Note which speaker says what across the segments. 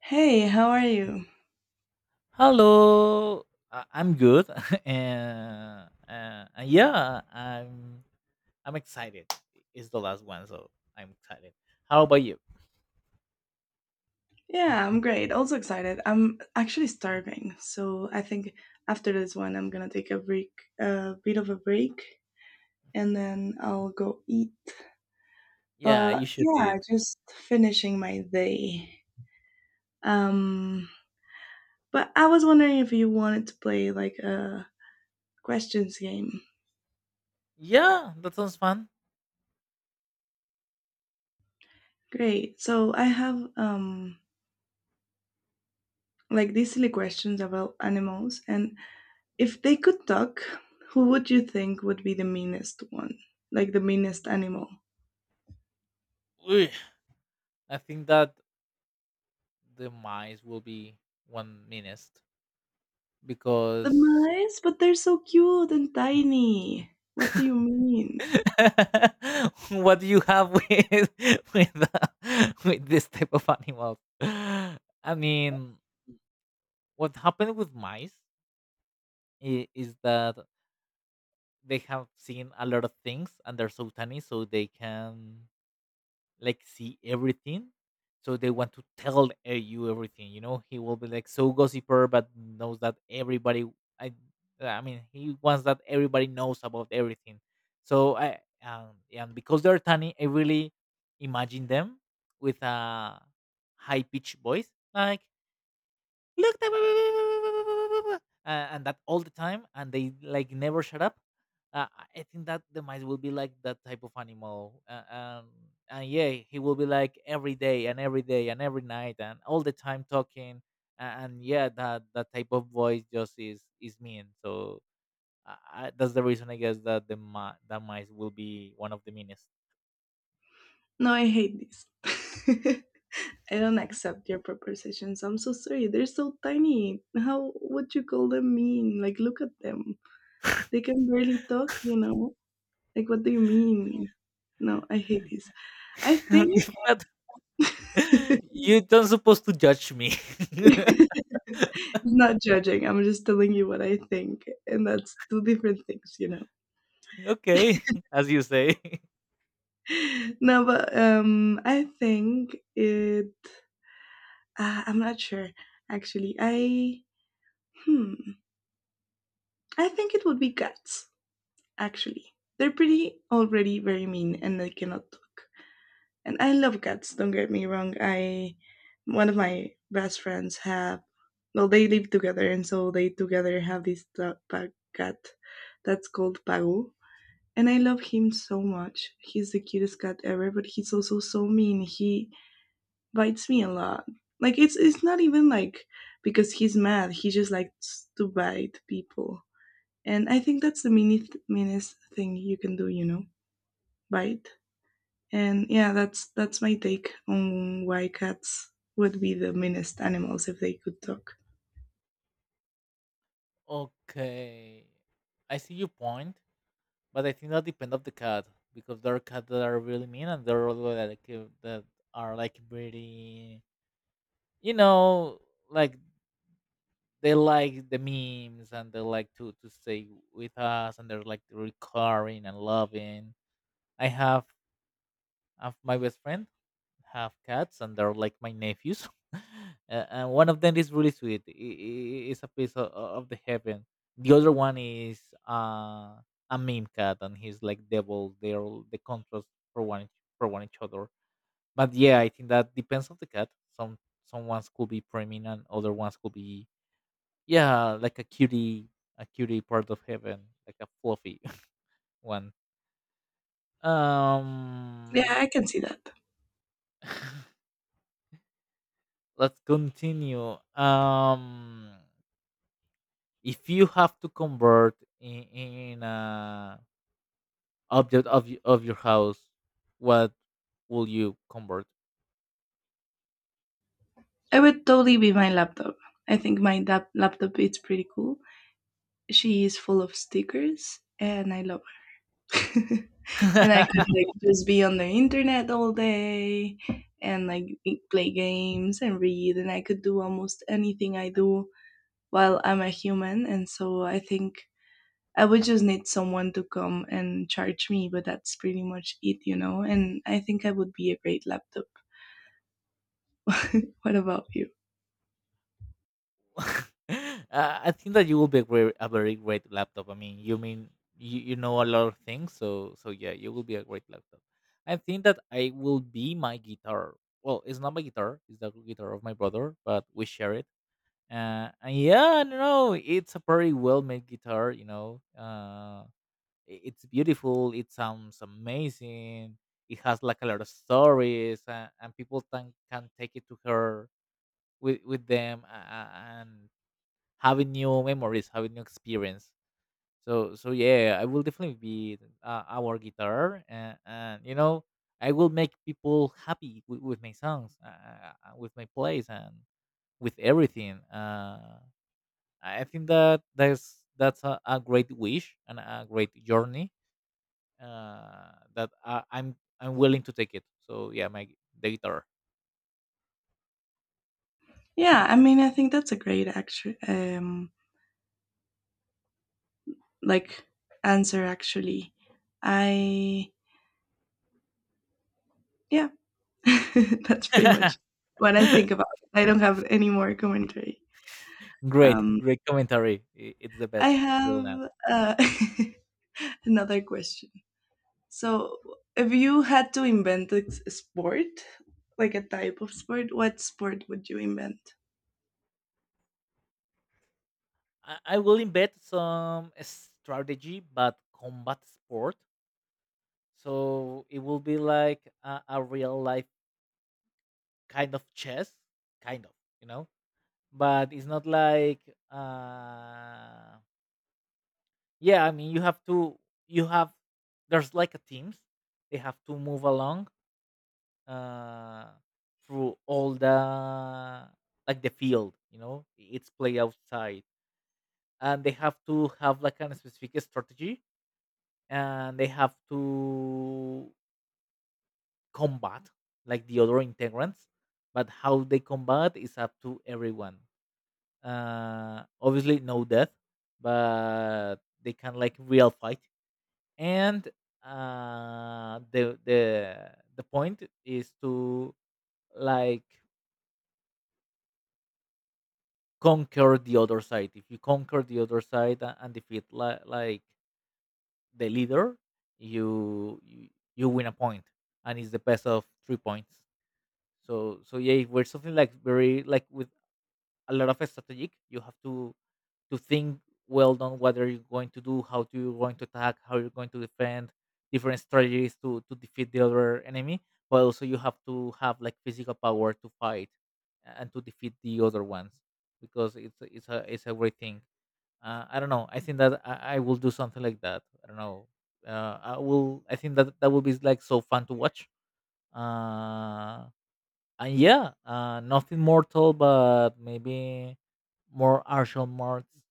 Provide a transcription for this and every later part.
Speaker 1: Hey, how are you?
Speaker 2: Hello, I'm good, and yeah, I'm excited. It's the last one, so I'm excited. How about you?
Speaker 1: Yeah, I'm great. Also excited. I'm actually starving, so I think after this one, I'm gonna take a break, a bit of a break, and then I'll go eat.
Speaker 2: Yeah, you
Speaker 1: But
Speaker 2: should do
Speaker 1: yeah,
Speaker 2: it.
Speaker 1: just finishing my day. Um, but I was wondering if you wanted to play like a questions game.
Speaker 2: Yeah, that sounds fun.
Speaker 1: Great. So I have like these silly questions about animals, and if they could talk, who would you think would be the meanest one? Like the meanest animal?
Speaker 2: Ugh, I think that the mice will be one minute
Speaker 1: The
Speaker 2: because
Speaker 1: mice? But they're so cute and tiny. What do you mean?
Speaker 2: what do you have with with with this type of animals? I mean, what happened with mice is that they have seen a lot of things and they're so tiny, so they can like see everything, so they want to tell you everything, you know, he will be like so gossiper but knows that everybody i I mean he wants that everybody knows about everything, so I and because they're tiny, I really imagine them with a high pitched voice like, "Look that blah, blah, blah, blah, blah, blah, blah," and that all the time, and they like never shut up. I I think that the mice will be like that type of animal. And yeah, he will be like every day and every day and every night and all the time talking. And yeah, that type of voice just is mean. So I, that's the reason, I guess, that that mice will be one of the meanest.
Speaker 1: No, I hate this. I don't accept your propositions. I'm so sorry. They're so tiny. How would you call them mean? Like, look at them. They can barely talk, you know? Like, what do you mean? No, I hate this. I
Speaker 2: But
Speaker 1: think.
Speaker 2: you don't supposed to judge me.
Speaker 1: I'm not judging. I'm just telling you what I think, and that's two different things, you know.
Speaker 2: Okay, as you say.
Speaker 1: No, but I think it. I'm not sure. Actually, I, hmm. I think it would be cats. Actually, they're pretty already very mean, and they cannot talk. And I love cats. Don't get me wrong. I, one of my best friends have. Well, they live together, and so they together have this dog, pug cat that's called Pagu, and I love him so much. He's the cutest cat ever, but he's also so mean. He bites me a lot. Like it's not even like because he's mad. He just likes to bite people, and I think that's the meanest thing you can do. You know, bite. And yeah, that's my take on why cats would be the meanest animals if they could talk.
Speaker 2: Okay, I see your point, but I think that depends of the cat, because there are cats that are really mean and there are other that like, that are like very, you know, like, they like the memes and they like to stay with us, and they're like recurring and loving. I have of my best friend have cats, and they're like my nephews. And one of them is really sweet. It's a piece of the heaven. The other one is uh, a meme cat, and he's like devil. They're the contrast for one for one each other. But yeah, I think that depends on the cat. some some ones could be preeminent, other ones could be yeah, like a cutie, a cutie part of heaven, like a fluffy one.
Speaker 1: Yeah,
Speaker 2: um
Speaker 1: I can see that.
Speaker 2: let's continue. If you have to convert in a object of of your house, what will you convert?
Speaker 1: I would totally be my laptop. I think my laptop is pretty cool. She is full of stickers, and I love her. And I could like just be on the internet all day and like play games and read, and I could do almost anything I do while I'm a human. And so I think I would just need someone to come and charge me, but that's pretty much it, you know? And I think I would be a great laptop. What about you?
Speaker 2: I think that you will be a very great laptop. I mean you, you know a lot of things, so so yeah, you will be a great laptop. I think that I will be my guitar. Well, it's not my guitar; it's the guitar of my brother, but we share it. And yeah, I don't know, it's a very well made guitar, you know. It's beautiful, it sounds amazing, it has like a lot of stories, and people can take it to her with them. And having new memories, having new experience. So so yeah, I will definitely be our guitar, and you know, I will make people happy with my songs, with my plays and with everything. I think that that's a great wish and a great journey that I'm willing to take it. So yeah, the guitar.
Speaker 1: Yeah, I mean, I think that's a great actual like answer actually. I, yeah, that's pretty much what I think about it. I don't have any more commentary.
Speaker 2: Great,
Speaker 1: Um,
Speaker 2: great commentary. It's the
Speaker 1: I
Speaker 2: best till now.
Speaker 1: have another question. So, if you had to invent a sport, like a type of sport, what sport would you invent?
Speaker 2: I will embed some strategy, but combat sport. So it will be like a real life kind of chess, kind of, you know. But it's not like. Uh, yeah, I mean, you have to, you have, there's like a teams, they have to move along uh through all the like the field, you know, it's play outside, and they have to have like a specific strategy, and they have to combat like the other integrants, but how they combat is up to everyone. Obviously no death, but they can like real fight. And the the point is to like conquer the other side. If you conquer the other side and defeat like the leader, you, you you win a point, and it's the best of 3 points. So so yeah, if we're something like very like with a lot of strategic, you have to think well on what are you going to do, how do you going to attack, how you're going to defend, different strategies to defeat the other enemy. But also you have to have like physical power to fight and to defeat the other ones, because it's a great thing. I don't know. I think that I will do something like that. I don't know. I will. I think that that will be like so fun to watch. Uh, and yeah, nothing mortal, but maybe more martial arts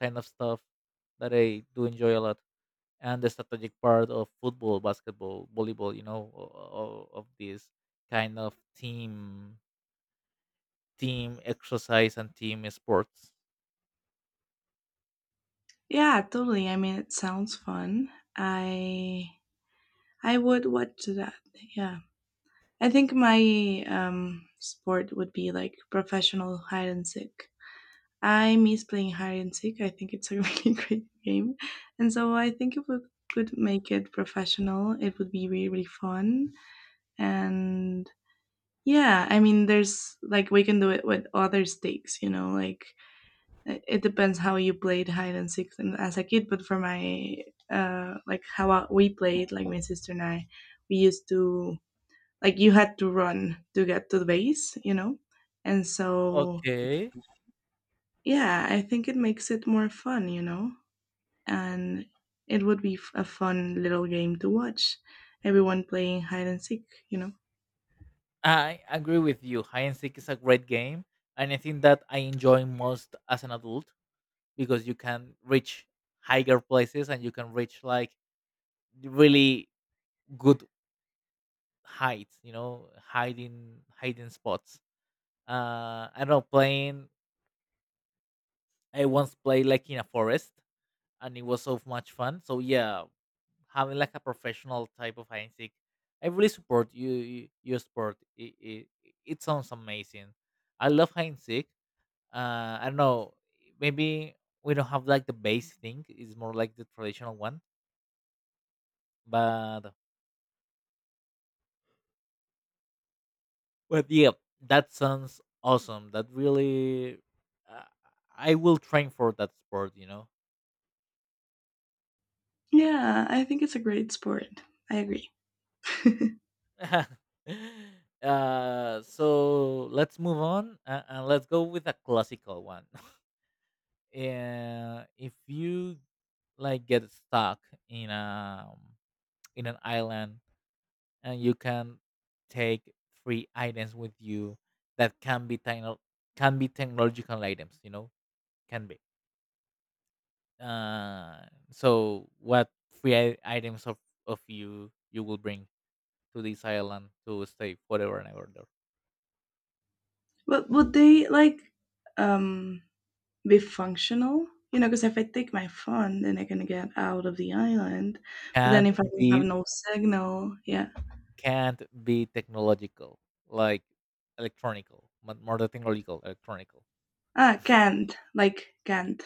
Speaker 2: kind of stuff that I do enjoy a lot, and the strategic part of football, basketball, volleyball, you know, of this kind of team exercise and team sports.
Speaker 1: Yeah, totally. I mean, it sounds fun. I I would watch that. Yeah, I think my sport would be like professional hide and seek. I miss playing hide and seek. I think it's a really great game. And so I think if we could make it professional, it would be really, really fun. And yeah, I mean, there's like we can do it with other stakes, you know, like it depends how you played hide and seek and as a kid. But for my, like how we played, like my sister and I, we used to, like, you had to run to get to the base, you know? And so
Speaker 2: Okay,
Speaker 1: yeah, I think it makes it more fun, you know? And it would be a fun little game to watch. Everyone playing hide and seek, you know.
Speaker 2: I agree with you. Hide and seek is a great game, and I think that I enjoy most as an adult because you can reach higher places, and you can reach like really good hides, you know, hiding spots. I don't know, playing. I once played like in a forest, and it was so much fun. So yeah, having like a professional type of hide and seek, I really support you. Your sport, it sounds amazing. I love hide and seek. I don't know, maybe we don't have like the base thing, it's more like the traditional one, but but yeah, that sounds awesome. That really, uh, I will train for that sport. You know.
Speaker 1: Yeah, I think it's a great sport. I agree.
Speaker 2: So let's move on, and let's go with a classical one. If you like get stuck in a in an island, and you can take three items with you that can be can be technological items. You know, can be. So what three items of you will bring to this island to stay forever and ever there?
Speaker 1: But would they like um be functional? You know, because if I take my phone, then I can get out of the island. But then
Speaker 2: Can't
Speaker 1: if I don't have
Speaker 2: be
Speaker 1: no signal, yeah.
Speaker 2: can't be technological like electronical, but more than technological, electronical.
Speaker 1: Ah, can't. Like, can't.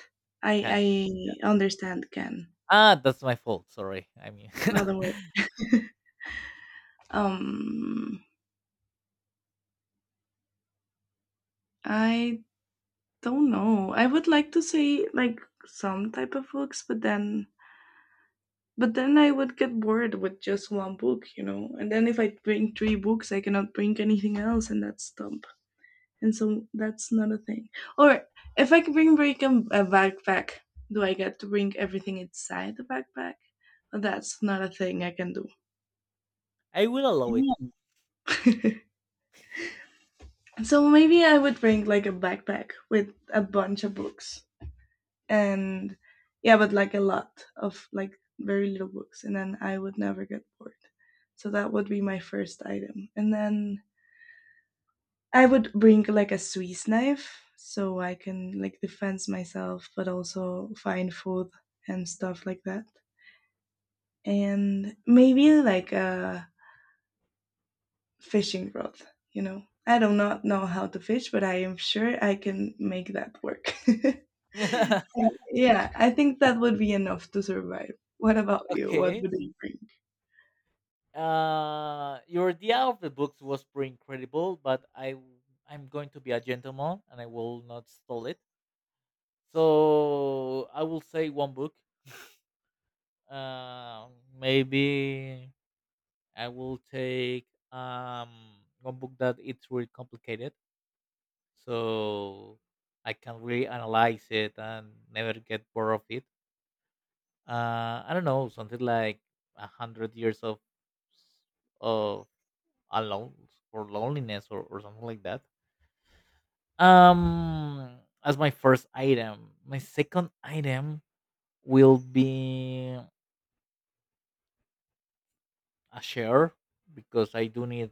Speaker 2: Can't.
Speaker 1: I understand can.
Speaker 2: Ah, that's my fault. Sorry. I mean,
Speaker 1: Another word. Um, I don't know. I would like to say, like, some type of books, but then. But then I would get bored with just one book, you know. And then if I bring three books, I cannot bring anything else, and that's dumb. And so that's not a thing. Or if I can bring a backpack, do I get to bring everything inside the backpack? That's not a thing I can do.
Speaker 2: I will allow it.
Speaker 1: Yeah. So maybe I would bring like a backpack with a bunch of books. And yeah, but like a lot of like very little books, and then I would never get bored. So that would be my first item. And then I would bring like a Swiss knife so I can like defend myself, but also find food and stuff like that. And maybe like a fishing rod, you know. I do not know how to fish, but I am sure I can make that work. Yeah, I think that would be enough to survive. What about you? What
Speaker 2: Okay.
Speaker 1: would you bring?
Speaker 2: Your idea of the books was pretty incredible, but I'm going to be a gentleman and I will not steal it. So I will say one book. Um, Maybe I will take one book that it's really complicated, so I can really analyze it and never get bored of it. I don't know, something like 100 years of alone or loneliness, or something like that. As my first item, my second item will be a chair because I do need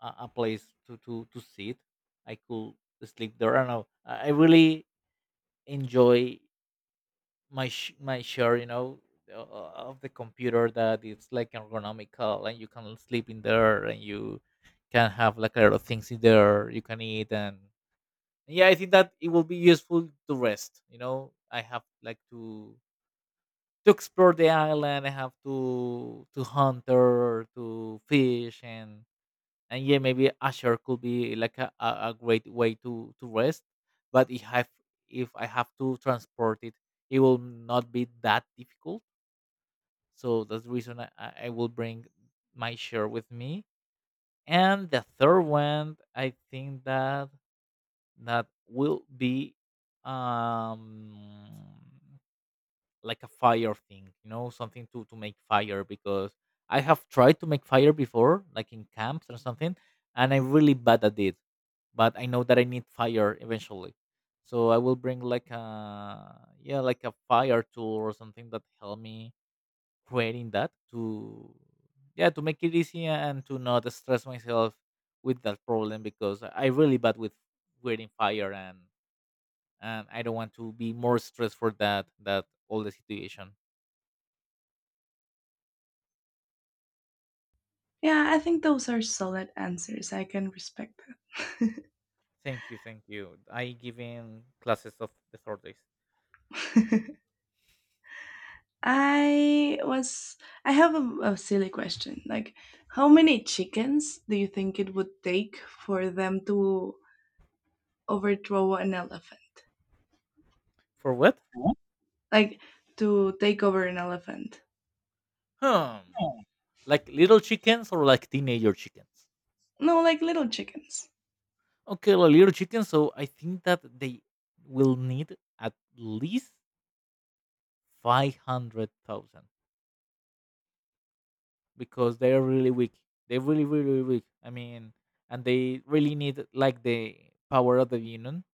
Speaker 2: a place to sit. I could sleep there. I don't know. I really enjoy my chair, you know, of the computer, that it's like ergonomical and you can sleep in there, and you can have like a lot of things in there, you can eat, and yeah, I think that it will be useful to rest. You know, I have like to explore the island. I have to hunt or to fish, and yeah, maybe Azure could be like a great way to rest. But if I have to transport it, it will not be that difficult. So that's the reason I will bring my share with me. And the third one, I think that that will be um like a fire thing, you know, something to make fire, because I have tried to make fire before, like in camps or something, and I'm really bad at it. But I know that I need fire eventually, so I will bring like a yeah, like a fire tool or something that help me creating that to yeah to make it easier and to not stress myself with that problem, because I really bad with creating fire, and I don't want to be more stressed for that all the situation.
Speaker 1: Yeah, I think those are solid answers. I can respect that.
Speaker 2: Thank you, thank you. I give in classes of the third days.
Speaker 1: I was, I have a silly question. Like how many chickens do you think it would take for them to overthrow an elephant?
Speaker 2: For what?
Speaker 1: Like to take over an elephant?
Speaker 2: Hmm. Like little chickens or like teenager chickens?
Speaker 1: No, like little chickens.
Speaker 2: Okay, like little chickens. So I think that they will need at least 500,000 because they are really weak. They're really, really, really weak. I mean, and they really need like the power of the union,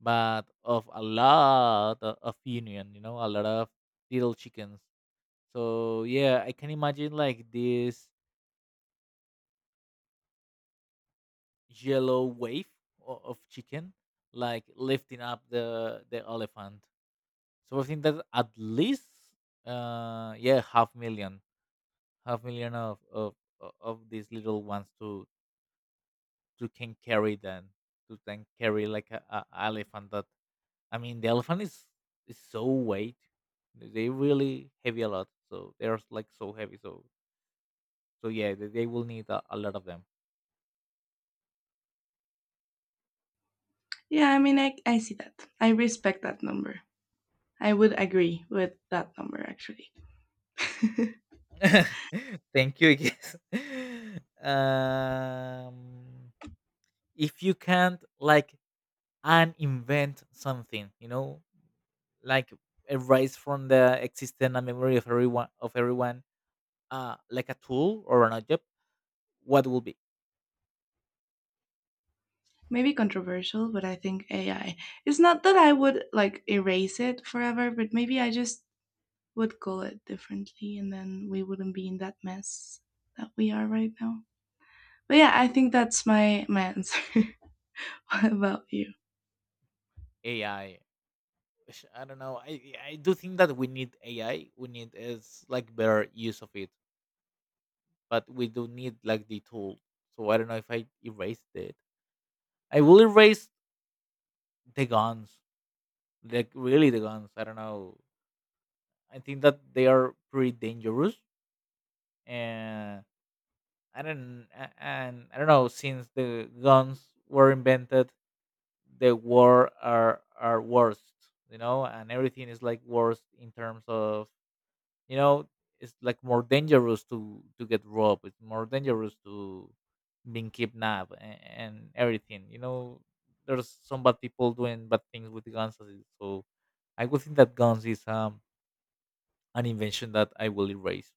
Speaker 2: but of a lot of union, you know, a lot of little chickens. So yeah, I can imagine like this yellow wave of chicken like lifting up the elephant. So I think that at least yeah, half million of of these little ones to can carry them to then carry like a elephant that I mean the elephant is so weight. They really heavy a lot. So they're like so heavy. So yeah, they will need a lot of them.
Speaker 1: Yeah, I mean, I see that. I respect that number. I would agree with that number, actually.
Speaker 2: Thank you, I guess. Um, if you can't like uninvent something, like erase from the existence and memory of everyone, like a tool or an object, what will be?
Speaker 1: Maybe controversial, but I think AI. It's not that I would like erase it forever, but maybe I just would call it differently, and then we wouldn't be in that mess that we are right now. But yeah, I think that's my answer. What about you?
Speaker 2: AI? I don't know. I do think that we need AI. We need is like better use of it, but we do need like the tool. So I don't know if I erased it. I will erase the guns, like really the guns. I don't know, I think that they are pretty dangerous, and and I don't know, since the guns were invented, the war are worst, and everything is like worst in terms of, you know it's like more dangerous to get robbed, it's more dangerous to being kidnapped and everything, there's some bad people doing bad things with guns so I would think that guns is an invention that I will erase.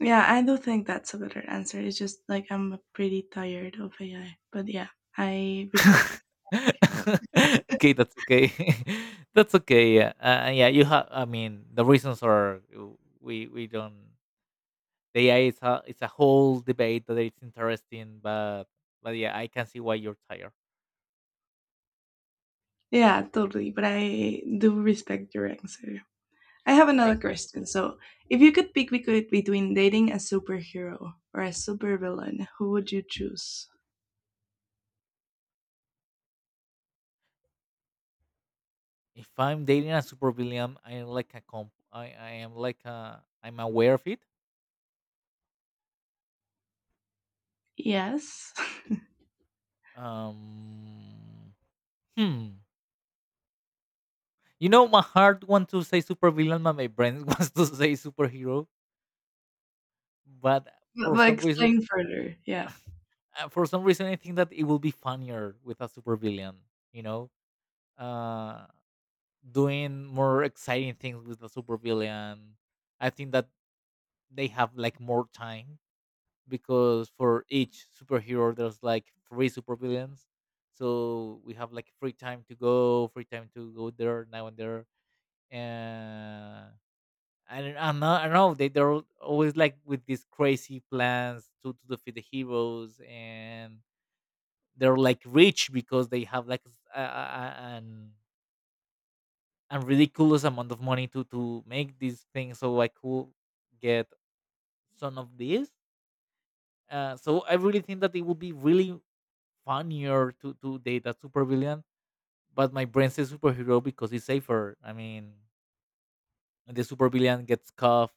Speaker 1: Yeah, I do think that's a better answer. It's just like I'm pretty tired of AI. But yeah, I respect that.
Speaker 2: Okay, that's okay. That's okay. Yeah, yeah. You have. I mean, the reasons are, we don't. The AI is a, it's a whole debate that it's interesting, but yeah, I can see why you're tired.
Speaker 1: Yeah, totally. But I do respect your answer. I have
Speaker 2: Thank
Speaker 1: another
Speaker 2: you.
Speaker 1: question. So, if you could pick between dating a superhero or a supervillain, who would you choose?
Speaker 2: If I'm dating a super villain, I am like a comp. I am like a. I'm aware of it.
Speaker 1: Yes.
Speaker 2: Um. Hmm. You know, my heart wants to say super villain, but my brain wants to say superhero. But
Speaker 1: but
Speaker 2: for
Speaker 1: but
Speaker 2: some reason,
Speaker 1: explain further. Yeah.
Speaker 2: for some reason, I think that it will be funnier with a supervillain. You know, uh, doing more exciting things with a supervillain. I think that they have like more time, because for each superhero, there's like three supervillains. So we have like free time to go there now and there, and I don't know. I don't know. They're always like with these crazy plans to defeat the heroes, and they're like rich because they have like s- a- an a ridiculous amount of money to make these things, so I could get some of these. So I really think that it would be really funnier to date a super villain but my brain says superhero because it's safer, I mean. And the super villain gets cuffed,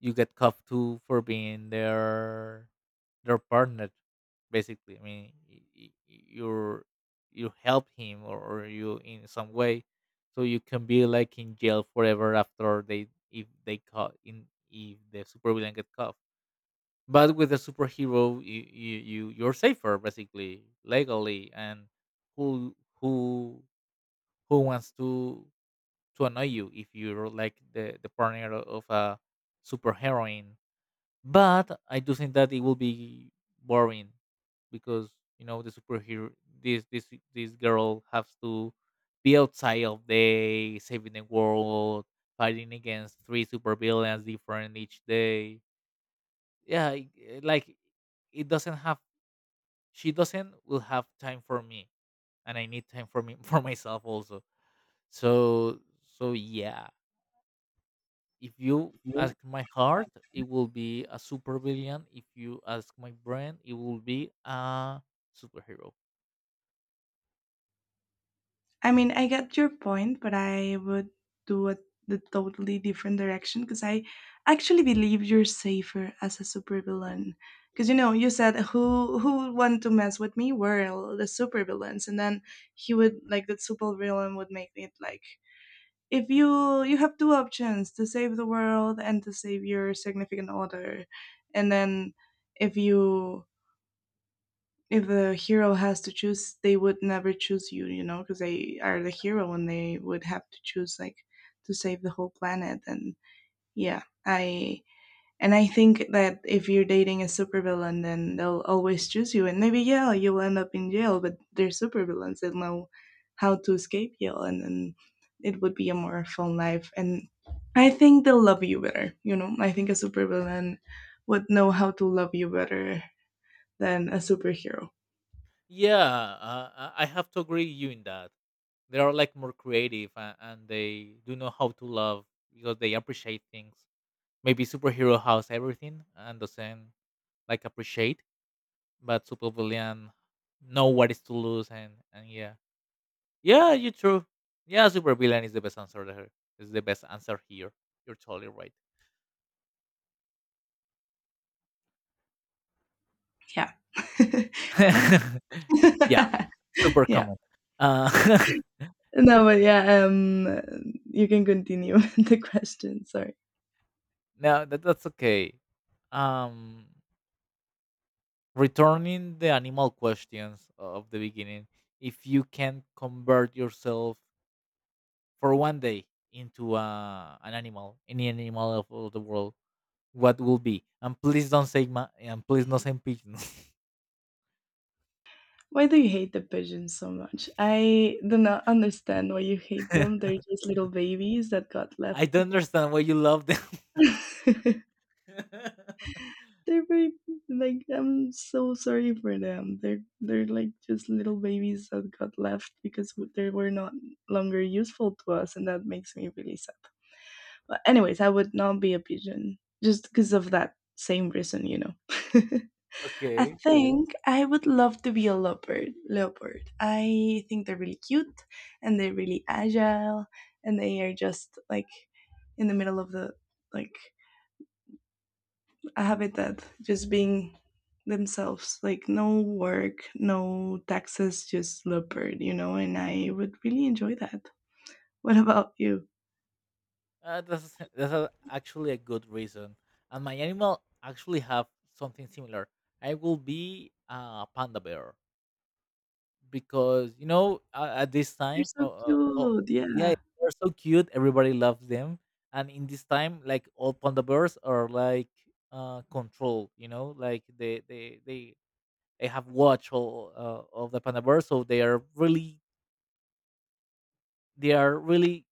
Speaker 2: you get cuffed too for being their partner. Basically, I mean, you help him or you, in some way, so you can be like in jail forever after they, if they caught in, if the super villain get cuffed. But with a superhero, you're safer basically legally, and who who who wants to annoy you if you're like the partner of a superheroine. But I do think that it will be boring, because you know the superhero this this this girl has to be outside of day, saving the world, fighting against three supervillains different each day. Yeah, like it doesn't have she doesn't will have time for me, and I need time for me for myself also. So so yeah, if you ask my heart, it will be a supervillain. If you ask my brain, it will be a superhero.
Speaker 1: I mean, I get your point, but I would do a, the totally different direction, because I actually believe you're safer as a supervillain. Because you know, you said who would want to mess with me? Well, the supervillains, and then he would like, the supervillain would make it like, if you have two options to save the world and to save your significant other, and then if you, if the hero has to choose, they would never choose you, you know, because they are the hero and they would have to choose like to save the whole planet. And yeah, I and I think that if you're dating a supervillain, then they'll always choose you. And maybe yeah, you'll end up in jail, but they're supervillains. They know how to escape jail, and then it would be a more fun life. And I think they'll love you better. You know, I think a supervillain would know how to love you better than a superhero.
Speaker 2: Yeah, I have to agree with you in that. They are like more creative, and they do know how to love, because they appreciate things. Maybe superhero has everything and doesn't like appreciate, but supervillain know what is to lose, and yeah, yeah, you true. Yeah, supervillain is the best answer there. Is the best answer here. You're totally right.
Speaker 1: Yeah. I
Speaker 2: Yeah, super
Speaker 1: yeah.
Speaker 2: common. Uh,
Speaker 1: No, but yeah, you can continue with the question. Sorry.
Speaker 2: no, that's okay. Um, returning the animal questions of the beginning, if you can convert yourself for one day into, an animal, any animal of, all the world, what will be? And please don't say and please do not say pigeons.
Speaker 1: Why do you hate the pigeons so much? I do not understand why you hate them. They're just little babies that got
Speaker 2: I
Speaker 1: left.
Speaker 2: don't understand why you love them.
Speaker 1: They're very like, I'm so sorry for them. They're like just little babies that got left because they were not longer useful to us, and that makes me really sad. But anyways, I would not be a pigeon just because of that same reason, you know. I
Speaker 2: Okay.
Speaker 1: think I would love to be a leopard. Leopard. I think they're really cute, and they're really agile, and they are just like in the middle of the like I have it that just being themselves, like no work, no taxes, just leopard, you know, and I would really enjoy that. What about you?
Speaker 2: That's actually a good reason. And my animal actually have something similar. I will be a panda bear, because at this
Speaker 1: They're
Speaker 2: time,
Speaker 1: so
Speaker 2: oh, oh
Speaker 1: cute. Yeah.
Speaker 2: yeah, they're so cute. Everybody loves them. And in this time, like all panda bears are like controlled. You know, like they have watch all, of the panda bears, so they are really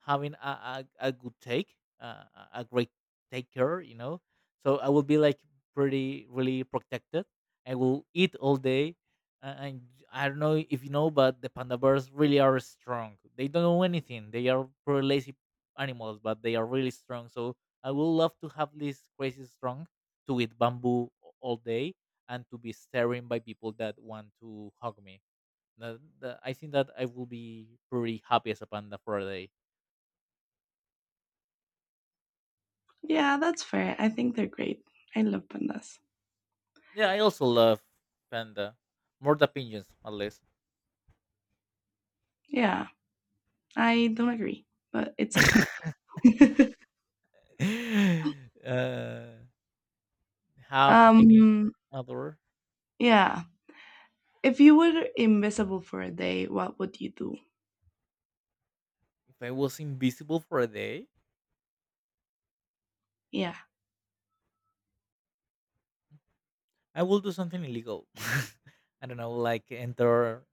Speaker 2: having a great taker. So I will be like pretty, really protected. I will eat all day. And I don't know if you know, but the panda bears really are strong. They don't know anything. They are pretty lazy animals, but they are really strong. So I would love to have this crazy strong to eat bamboo all day, and to be staring by people that want to hug me. I think that I will be pretty happy as a panda for a day.
Speaker 1: Yeah, that's fair. I think they're great. I love pandas.
Speaker 2: Yeah, I also love panda. More the pigeons, at least.
Speaker 1: Yeah, I don't agree, but it's okay.
Speaker 2: uh, have any
Speaker 1: um,
Speaker 2: other?
Speaker 1: yeah. If you were invisible for a day, what would you do?
Speaker 2: If I was invisible for a day,
Speaker 1: Yeah.
Speaker 2: I will do something illegal. I don't know, like enter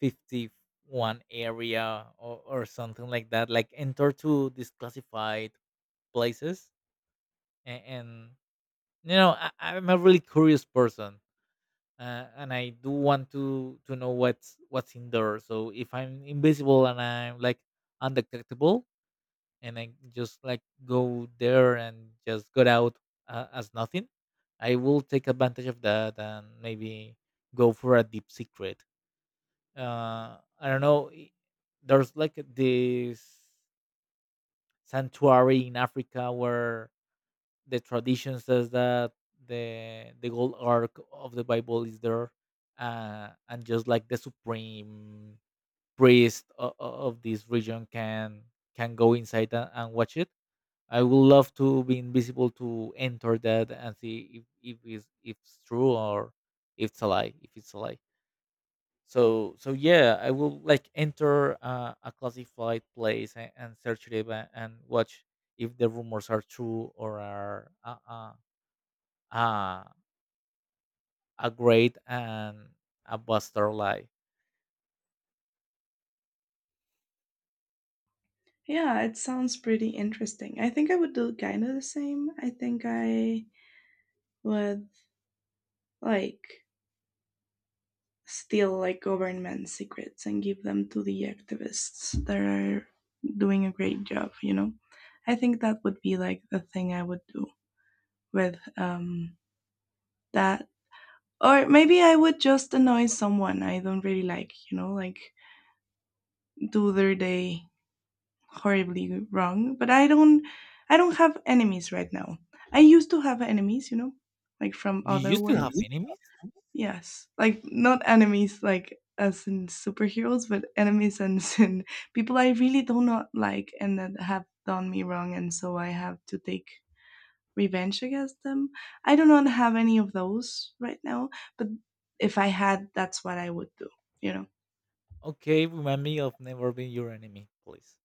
Speaker 2: 51 area, or something like that. Like enter to disclassified places, and I'm a really curious person. And I do want to know what's in there. So if I'm invisible and I'm like undetectable, and I just like go there and just get out, as nothing, I will take advantage of that and maybe go for a deep secret. I don't know. There's like this sanctuary in Africa where the tradition says that the gold ark of the Bible is there, and just like the supreme priest of this region can go inside and watch it. I would love to be invisible to enter that and see if it's true or if it's a lie. If it's a lie. So yeah, I will like enter, a classified place, and search it up, and watch if the rumors are true, or are, uh, a great and a buster life.
Speaker 1: Yeah, it sounds pretty interesting. I think I would do kind of the same. I think I would like steal like government secrets and give them to the activists that are doing a great job, you know. I think that would be like the thing I would do with that. Or maybe I would just annoy someone I don't really like, you know, like do their day horribly wrong. But I don't, I don't have enemies right now. I used to have enemies, you know, like from
Speaker 2: You
Speaker 1: other
Speaker 2: used to have
Speaker 1: words.
Speaker 2: enemies?
Speaker 1: Yes, like not enemies like as in superheroes, but enemies and in people I really do not like and that have done me wrong, and so I have to take revenge against them. I do not have any of those right now, but if I had, that's what I would do. You know,
Speaker 2: Okay, remind me of never being your enemy, please.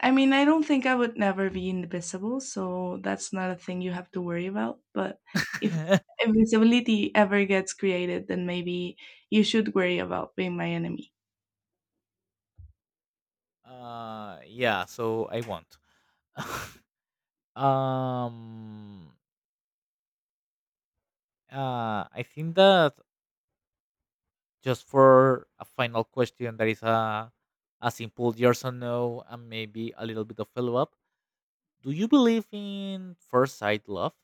Speaker 1: I mean, I don't think I would never be invisible, so that's not a thing you have to worry about. But if invisibility ever gets created, then maybe you should worry about being my enemy.
Speaker 2: yeah, so I won't. um, I think that just for a final question, that is a, simple yes or no, and maybe a little bit of follow up. Do you believe in first sight love?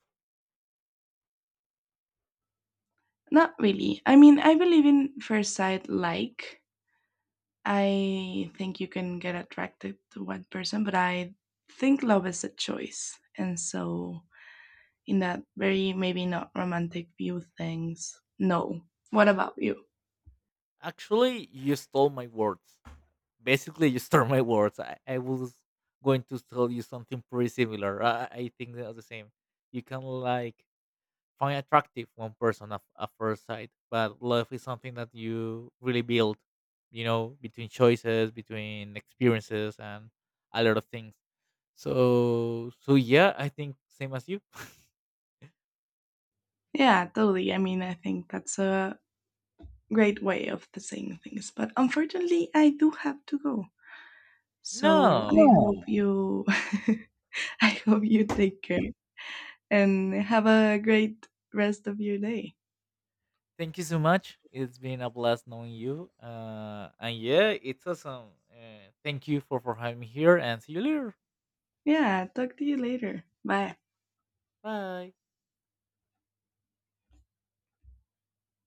Speaker 1: Not really. I mean, I believe in first sight, like, I think you can get attracted to one person, but I think love is a choice. And so, in that very maybe not romantic view things, no. What about you?
Speaker 2: Actually, you stole my words. Basically, you stole my words. I was going to tell you something pretty similar. I think they are the same. You can like find attractive one person at first sight, but love is something that you really build, between choices, between experiences and a lot of things. So yeah, I think same as you.
Speaker 1: Yeah, totally. I mean, I think that's a great way of the saying things. But unfortunately, I do have to go. So I, no,
Speaker 2: No,
Speaker 1: hope yeah, you, I hope you take care and have a great rest of your day.
Speaker 2: thank you so much, it's been a blast knowing you, and yeah, it's awesome. Thank you for having me here, and see you later.
Speaker 1: Yeah, talk to you later. Bye.
Speaker 2: Bye.